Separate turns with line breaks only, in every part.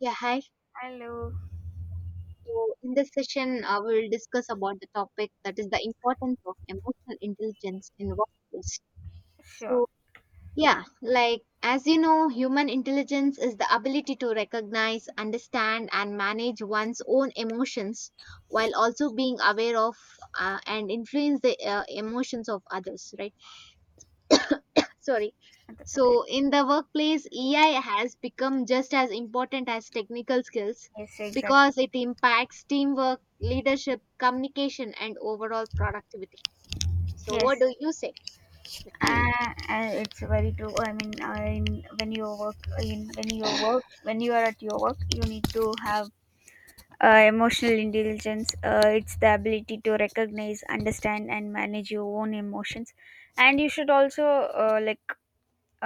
Yeah, hi.
Hello.
So in this session, we will discuss about the topic that is the importance of emotional intelligence in workplace.
Sure,
So yeah, like as you know, human intelligence is the ability to recognize, understand, and manage one's own emotions while also being aware of and influence the emotions of others, right? Sorry.
that's okay.
So, in the workplace, EI has become just as important as technical skills
Yes, exactly.
because it impacts teamwork, leadership, communication, and overall productivity. So, what
Yes,
do you say?
it's very true. I mean, when you work, when you are at your work, you need to have emotional intelligence. It's the ability to recognize, understand, and manage your own emotions, and you should also uh, like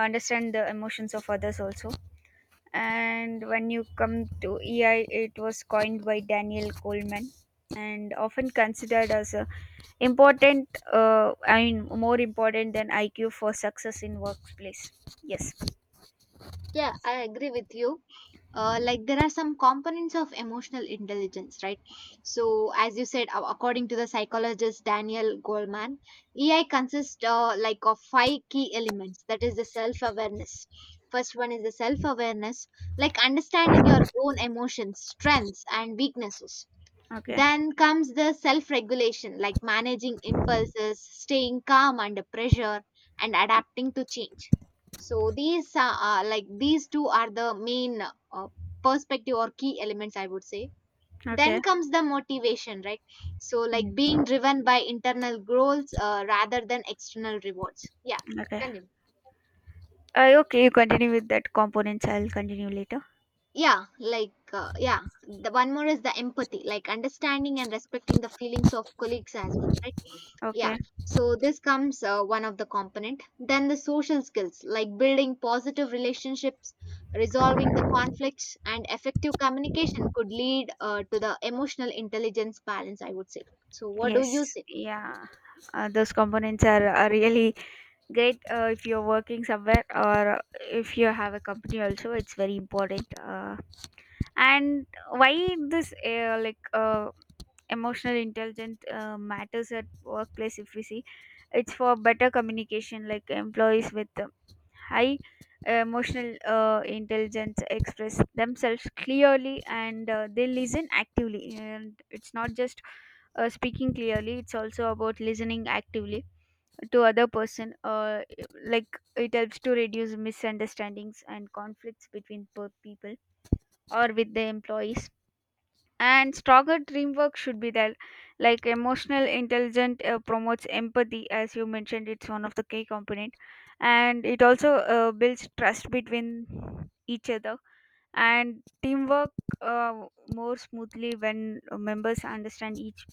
understand the emotions of others also. And when you come to EI, it was coined by Daniel Goleman and often considered as a important, I mean, more important than IQ for success in workplace. Yes.
Yeah, I agree with you. Like there are some components of emotional intelligence, right? So, as you said, according to the psychologist Daniel Goleman, EI consists of five key elements. That is the self-awareness. First one is the self-awareness, like understanding your own emotions, strengths, and weaknesses.
Okay.
Then comes the self regulation, like managing impulses, staying calm under pressure, and adapting to change. So, these are like these two are the main uh, perspective or key elements, I would say.
Okay.
Then comes the motivation, right? So,
Mm.
like being driven by internal goals rather than external rewards. Yeah,
Okay.
continue.
Okay, you continue with that components. I'll continue later.
yeah like uh, yeah the one more is the empathy, like understanding and respecting the feelings of colleagues as well, right? Yeah,
Okay.
so this comes one of the component. Then the social skills, like building positive relationships, resolving the conflicts, and effective communication could lead to the emotional intelligence balance, I would say. So what do you
Yes.
say?
Yeah. Those components are really great. If you're working somewhere, or if you have a company also, it's very important. And why this, emotional intelligence, matters at workplace, if we see, it's for better communication, like employees with high emotional intelligence express themselves clearly, and they listen actively, and it's not just speaking clearly, it's also about listening actively to other person, like it helps to reduce misunderstandings and conflicts between people or with the employees, and stronger teamwork should be there, like emotional intelligence promotes empathy, as you mentioned, it's one of the key component, and it also builds trust between each other, and teamwork uh, more smoothly when members understand each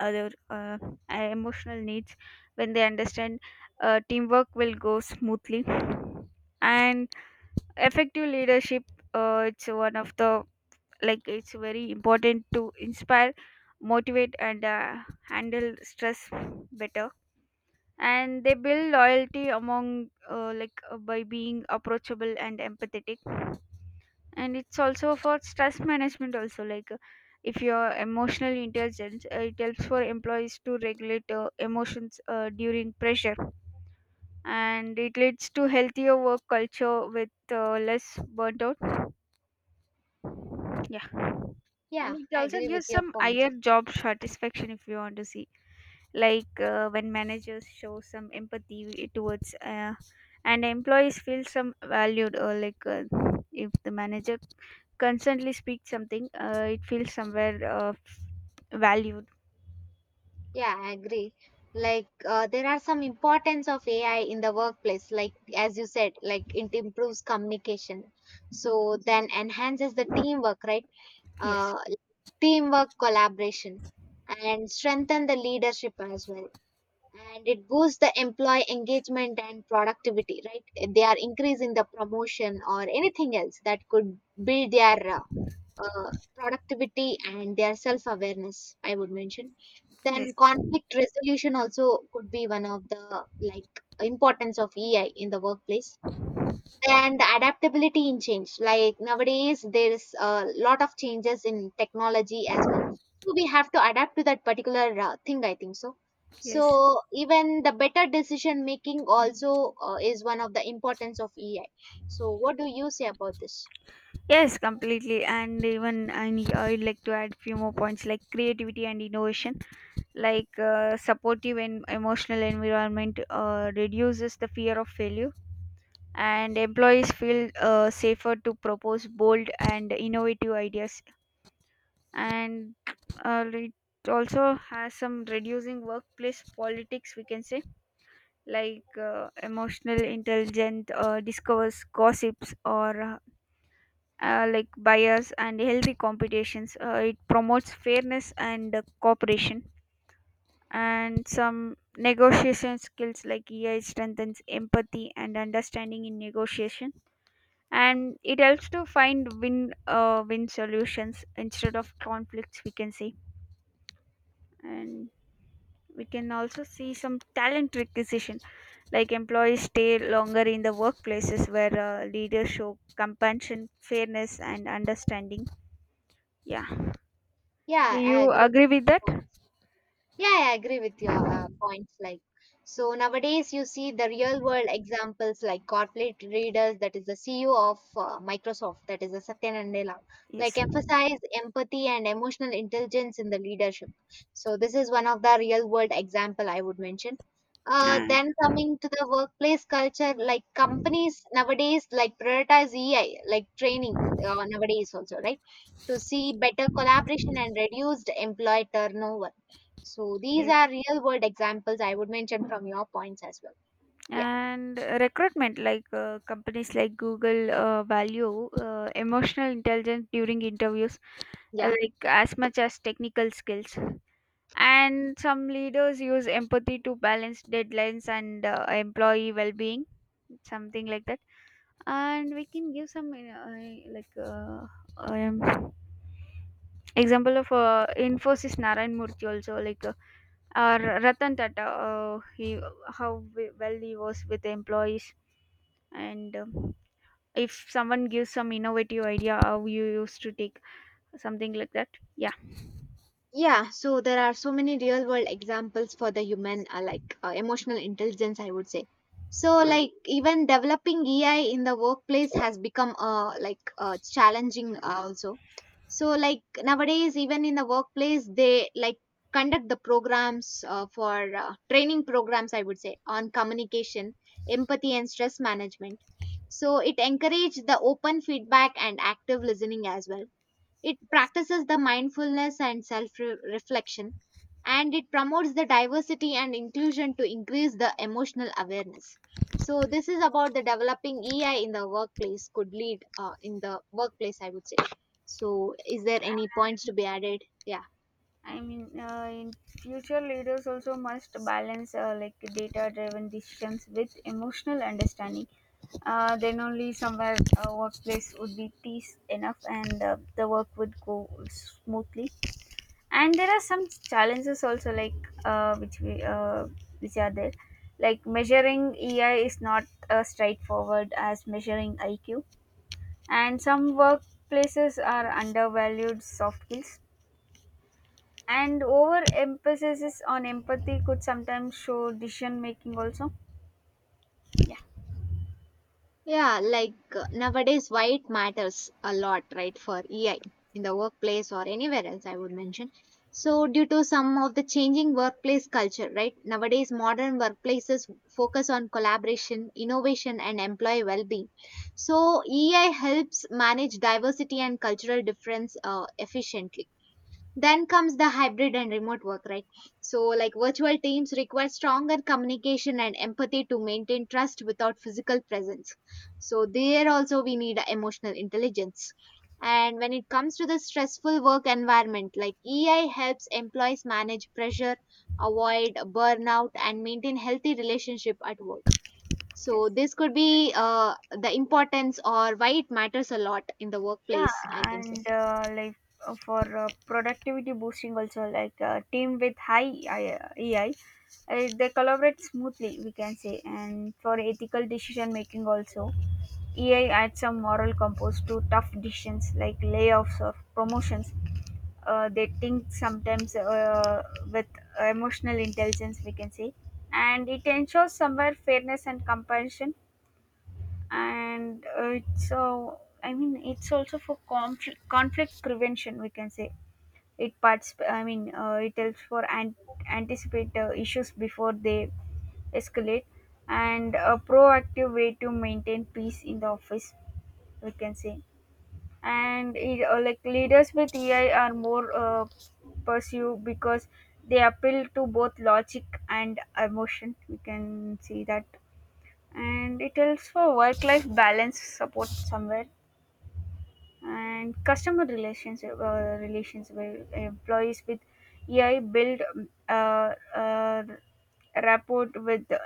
other emotional needs, when they understand, teamwork will go smoothly. And effective leadership, it's one of the like it's very important to inspire, motivate, and handle stress better, and they build loyalty among, by being approachable and empathetic. And it's also for stress management also, if you're emotional intelligence, it helps for employees to regulate emotions during pressure, and it leads to healthier work culture with less burnt out. Yeah. And
Yeah,
it
I
also
agree with
gives
your
some
point.
higher job satisfaction, if you want to see, like when managers show some empathy towards, and employees feel some valued, or like if the manager constantly speaks something, it feels somewhere valued.
Yeah, I agree. Like there are some importance of AI in the workplace, like as you said, like it improves communication, so then enhances the teamwork, right?
Yes.
Uh, Teamwork collaboration and strengthen the leadership as well. And it boosts the employee engagement and productivity, right? They are increasing the promotion or anything else that could build their uh, productivity and their self awareness, I would mention.
Yes.
Then conflict resolution also could be one of the like importance of ei in the workplace. And adaptability in change, like nowadays there is a lot of changes in technology as well, so we have to adapt to that particular thing, I think so.
Yes.
So even the better decision making also is one of the importance of ei. So what do you say about this?
Yes, completely. And even, and I'd like to add few more points, like creativity and innovation, like supportive and emotional environment reduces the fear of failure, and employees feel safer to propose bold and innovative ideas, and it also has some reducing workplace politics, we can say, like emotional intelligence discovers gossips, or bias, and healthy competitions, it promotes fairness and cooperation. And some negotiation skills, like EI strengthens empathy and understanding in negotiation, and it helps to find win win solutions instead of conflicts, we can see. And we can also see some talent requisition, like employees stay longer in the workplaces where leaders show compassion, fairness, and understanding. Yeah. Do
Yeah, I
you
agree.
agree with that?
Yeah, yeah, I agree with your points. Like, so nowadays you see the real world examples like corporate readers, that is the CEO of Microsoft, that is the Satya Nadella, like
Yes.
emphasize empathy and emotional intelligence in the leadership. So this is one of the real world example I would mention.
uh,
Then coming to the workplace culture, like companies nowadays like prioritize EI, like training nowadays also, right? To see better collaboration and reduced employee turnover, so these
yes.
are real world examples I would mention from your points as well. Yeah.
And recruitment, like companies like Google value emotional intelligence during interviews,
Yeah.
like as much as technical skills. And some leaders use empathy to balance deadlines and employee well-being, something like that. And we can give some um, example of Infosys Narayan Murthy also, like or Ratan Tata. He well, he was with the employees. And. If someone gives some innovative idea, how you used to take, something like that.
Yeah. So there are so many real world examples for the human, emotional intelligence, I would say. So. Mm. Like even developing EI in the workplace has become challenging also. So like nowadays, even in the workplace, they like conduct the programs for training programs, I would say, on communication, empathy, and stress management. So it encourages the open feedback and active listening as well. It practices the mindfulness and self reflection, and it promotes the diversity and inclusion to increase the emotional awareness. So this is about the developing EI in the workplace could lead in the workplace, I would say. So is there any points to be added? Yeah.
I mean, in future leaders also must balance data-driven decisions with emotional understanding. Then only somewhere a workplace would be peace enough, and the work would go smoothly. And there are some challenges also, like uh, which we uh, which are there, like measuring EI is not straightforward as measuring IQ, and some workplaces are undervalued soft skills, and over emphasis on empathy could sometimes show decision making also. Yeah.
Yeah, like nowadays, why it matters a lot, right, for EI in the workplace or anywhere else, I would mention. So, due to some of the changing workplace culture, right, nowadays modern workplaces focus on collaboration, innovation, and employee well being. So, EI helps manage diversity and cultural difference efficiently. Then comes the hybrid and remote work, right? So, like virtual teams require stronger communication and empathy to maintain trust without physical presence. So, there also we need emotional intelligence. And when it comes to the stressful work environment, like EI helps employees manage pressure, avoid burnout, and maintain healthy relationship at work. So,
Yes.
this could be the importance or why it matters a lot in the
Yeah.
workplace, I think so.
And for productivity boosting also, like team with high AI, they collaborate smoothly, we can say. And for ethical decision making also, ai adds some moral compass to tough decisions like layoffs or promotions, they think sometimes, with emotional intelligence, we can say, and it ensures somewhere fairness and compassion. And it's so, I mean, it's also for conflict prevention, we can say. It parts I mean It helps for and anticipate issues before they escalate, and a proactive way to maintain peace in the office, we can say. And it leaders with ai are more pursue because they appeal to both logic and emotion, we can see that. And it helps for work life balance support somewhere, and customer relations relations where employees with AI build rapport with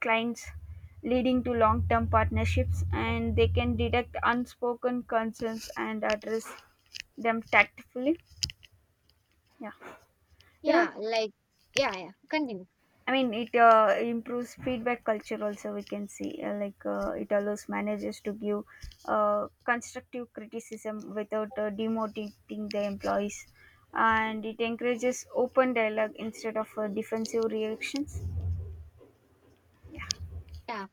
clients, leading to long-term partnerships, and they can detect unspoken concerns and address them tactfully. Yeah. it was
Yeah, like, yeah, yeah, continue.
I mean, it improves feedback culture also. We can see it allows managers to give constructive criticism without demotivating the employees, and it encourages open dialogue instead of defensive reactions. Yeah.
Yeah.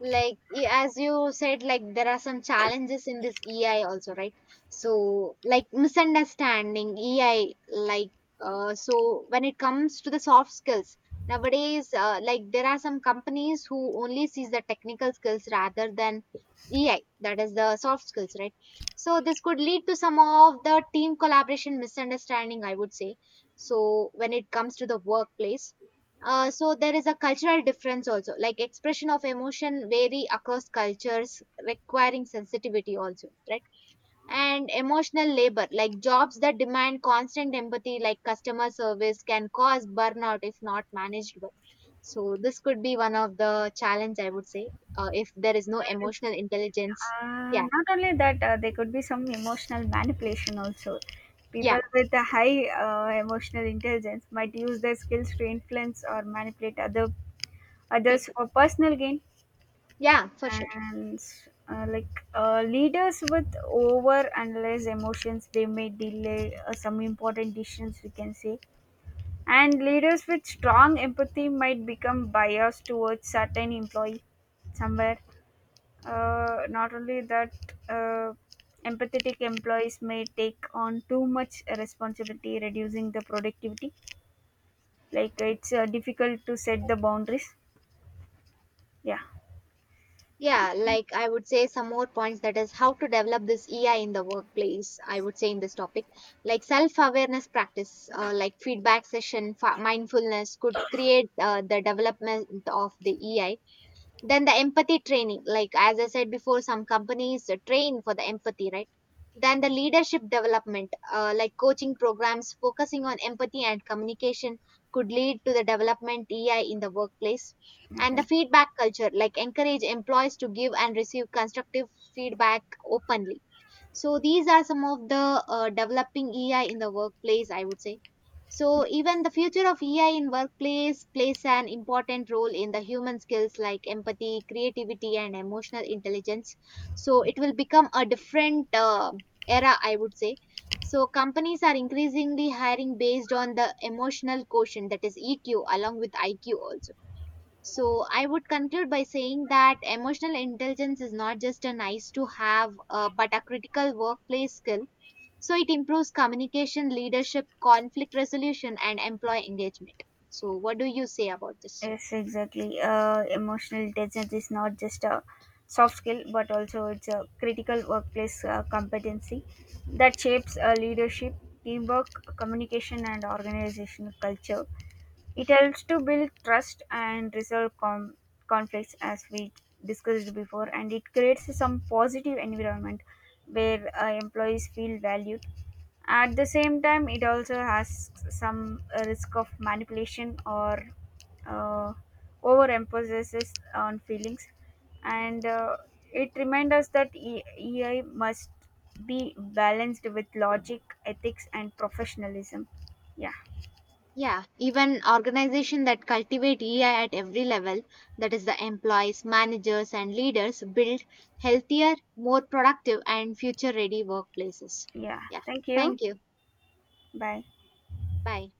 Like as you said, like there are some challenges in this EI also, right? So like misunderstanding EI, like so when it comes to the soft skills nowadays, like there are some companies who only sees the technical skills rather than EI, that is the soft skills, right? So this could lead to some of the team collaboration misunderstanding, I would say. So when it comes to the workplace. So there is a cultural difference also, like expression of emotion vary across cultures, requiring sensitivity also, right? And emotional labor, like jobs that demand constant empathy, like customer service, can cause burnout if not managed well. So this could be one of the challenge, I would say, if there is no
And,
emotional intelligence. Yeah,
not only that, there could be some emotional manipulation also.
yeah,
People with a high emotional intelligence might use their skills to influence or manipulate others
people.
for personal gain,
Yeah, for sure.
and leaders with over analyze emotions, they may delay some important decisions, we can say, and leaders with strong empathy might become biased towards certain employee somewhere. Not only that, uh, empathetic employees may take on too much responsibility, reducing the productivity, like it's difficult to set the boundaries. Yeah.
Yeah, like I would say some more points, that is how to develop this EI in the workplace. I would say in this topic, like self awareness practice, like feedback session, mindfulness could create the development of the EI. Then the empathy training, like as I said before, some companies train for the empathy, right? Then the leadership development, like coaching programs focusing on empathy and communication, could lead to the development EI in the workplace. And the
Okay.
feedback culture, like encourage employees to give and receive constructive feedback openly. So these are some of the developing EI in the workplace, I would say. So even the future of EI in workplace plays an important role in the human skills like empathy, creativity, and emotional intelligence. So it will become a different era, I would say. So companies are increasingly hiring based on the emotional quotient, that is EQ, along with IQ also. So I would conclude by saying that emotional intelligence is not just a nice to have, but a critical workplace skill. So it improves communication, leadership, conflict resolution, and employee engagement. So what do you say about this?
Yes, exactly. Emotional intelligence is not just a soft skill, but also it's a critical workplace competency that shapes leadership, teamwork, communication, and organizational culture. It helps to build trust and resolve conflicts, as we discussed before, and it creates some positive environment where employees feel valued. At the same time, it also has some risk of manipulation, or uh, overemphasis on feelings, and it reminds us that EI must be balanced with logic, ethics, and professionalism. Yeah,
Yeah, even organizations that cultivate EI at every level, that is the employees, managers, and leaders, build healthier, more productive, and future ready workplaces.
yeah.
Yeah,
Thank you.
thank you.
Bye.
Bye.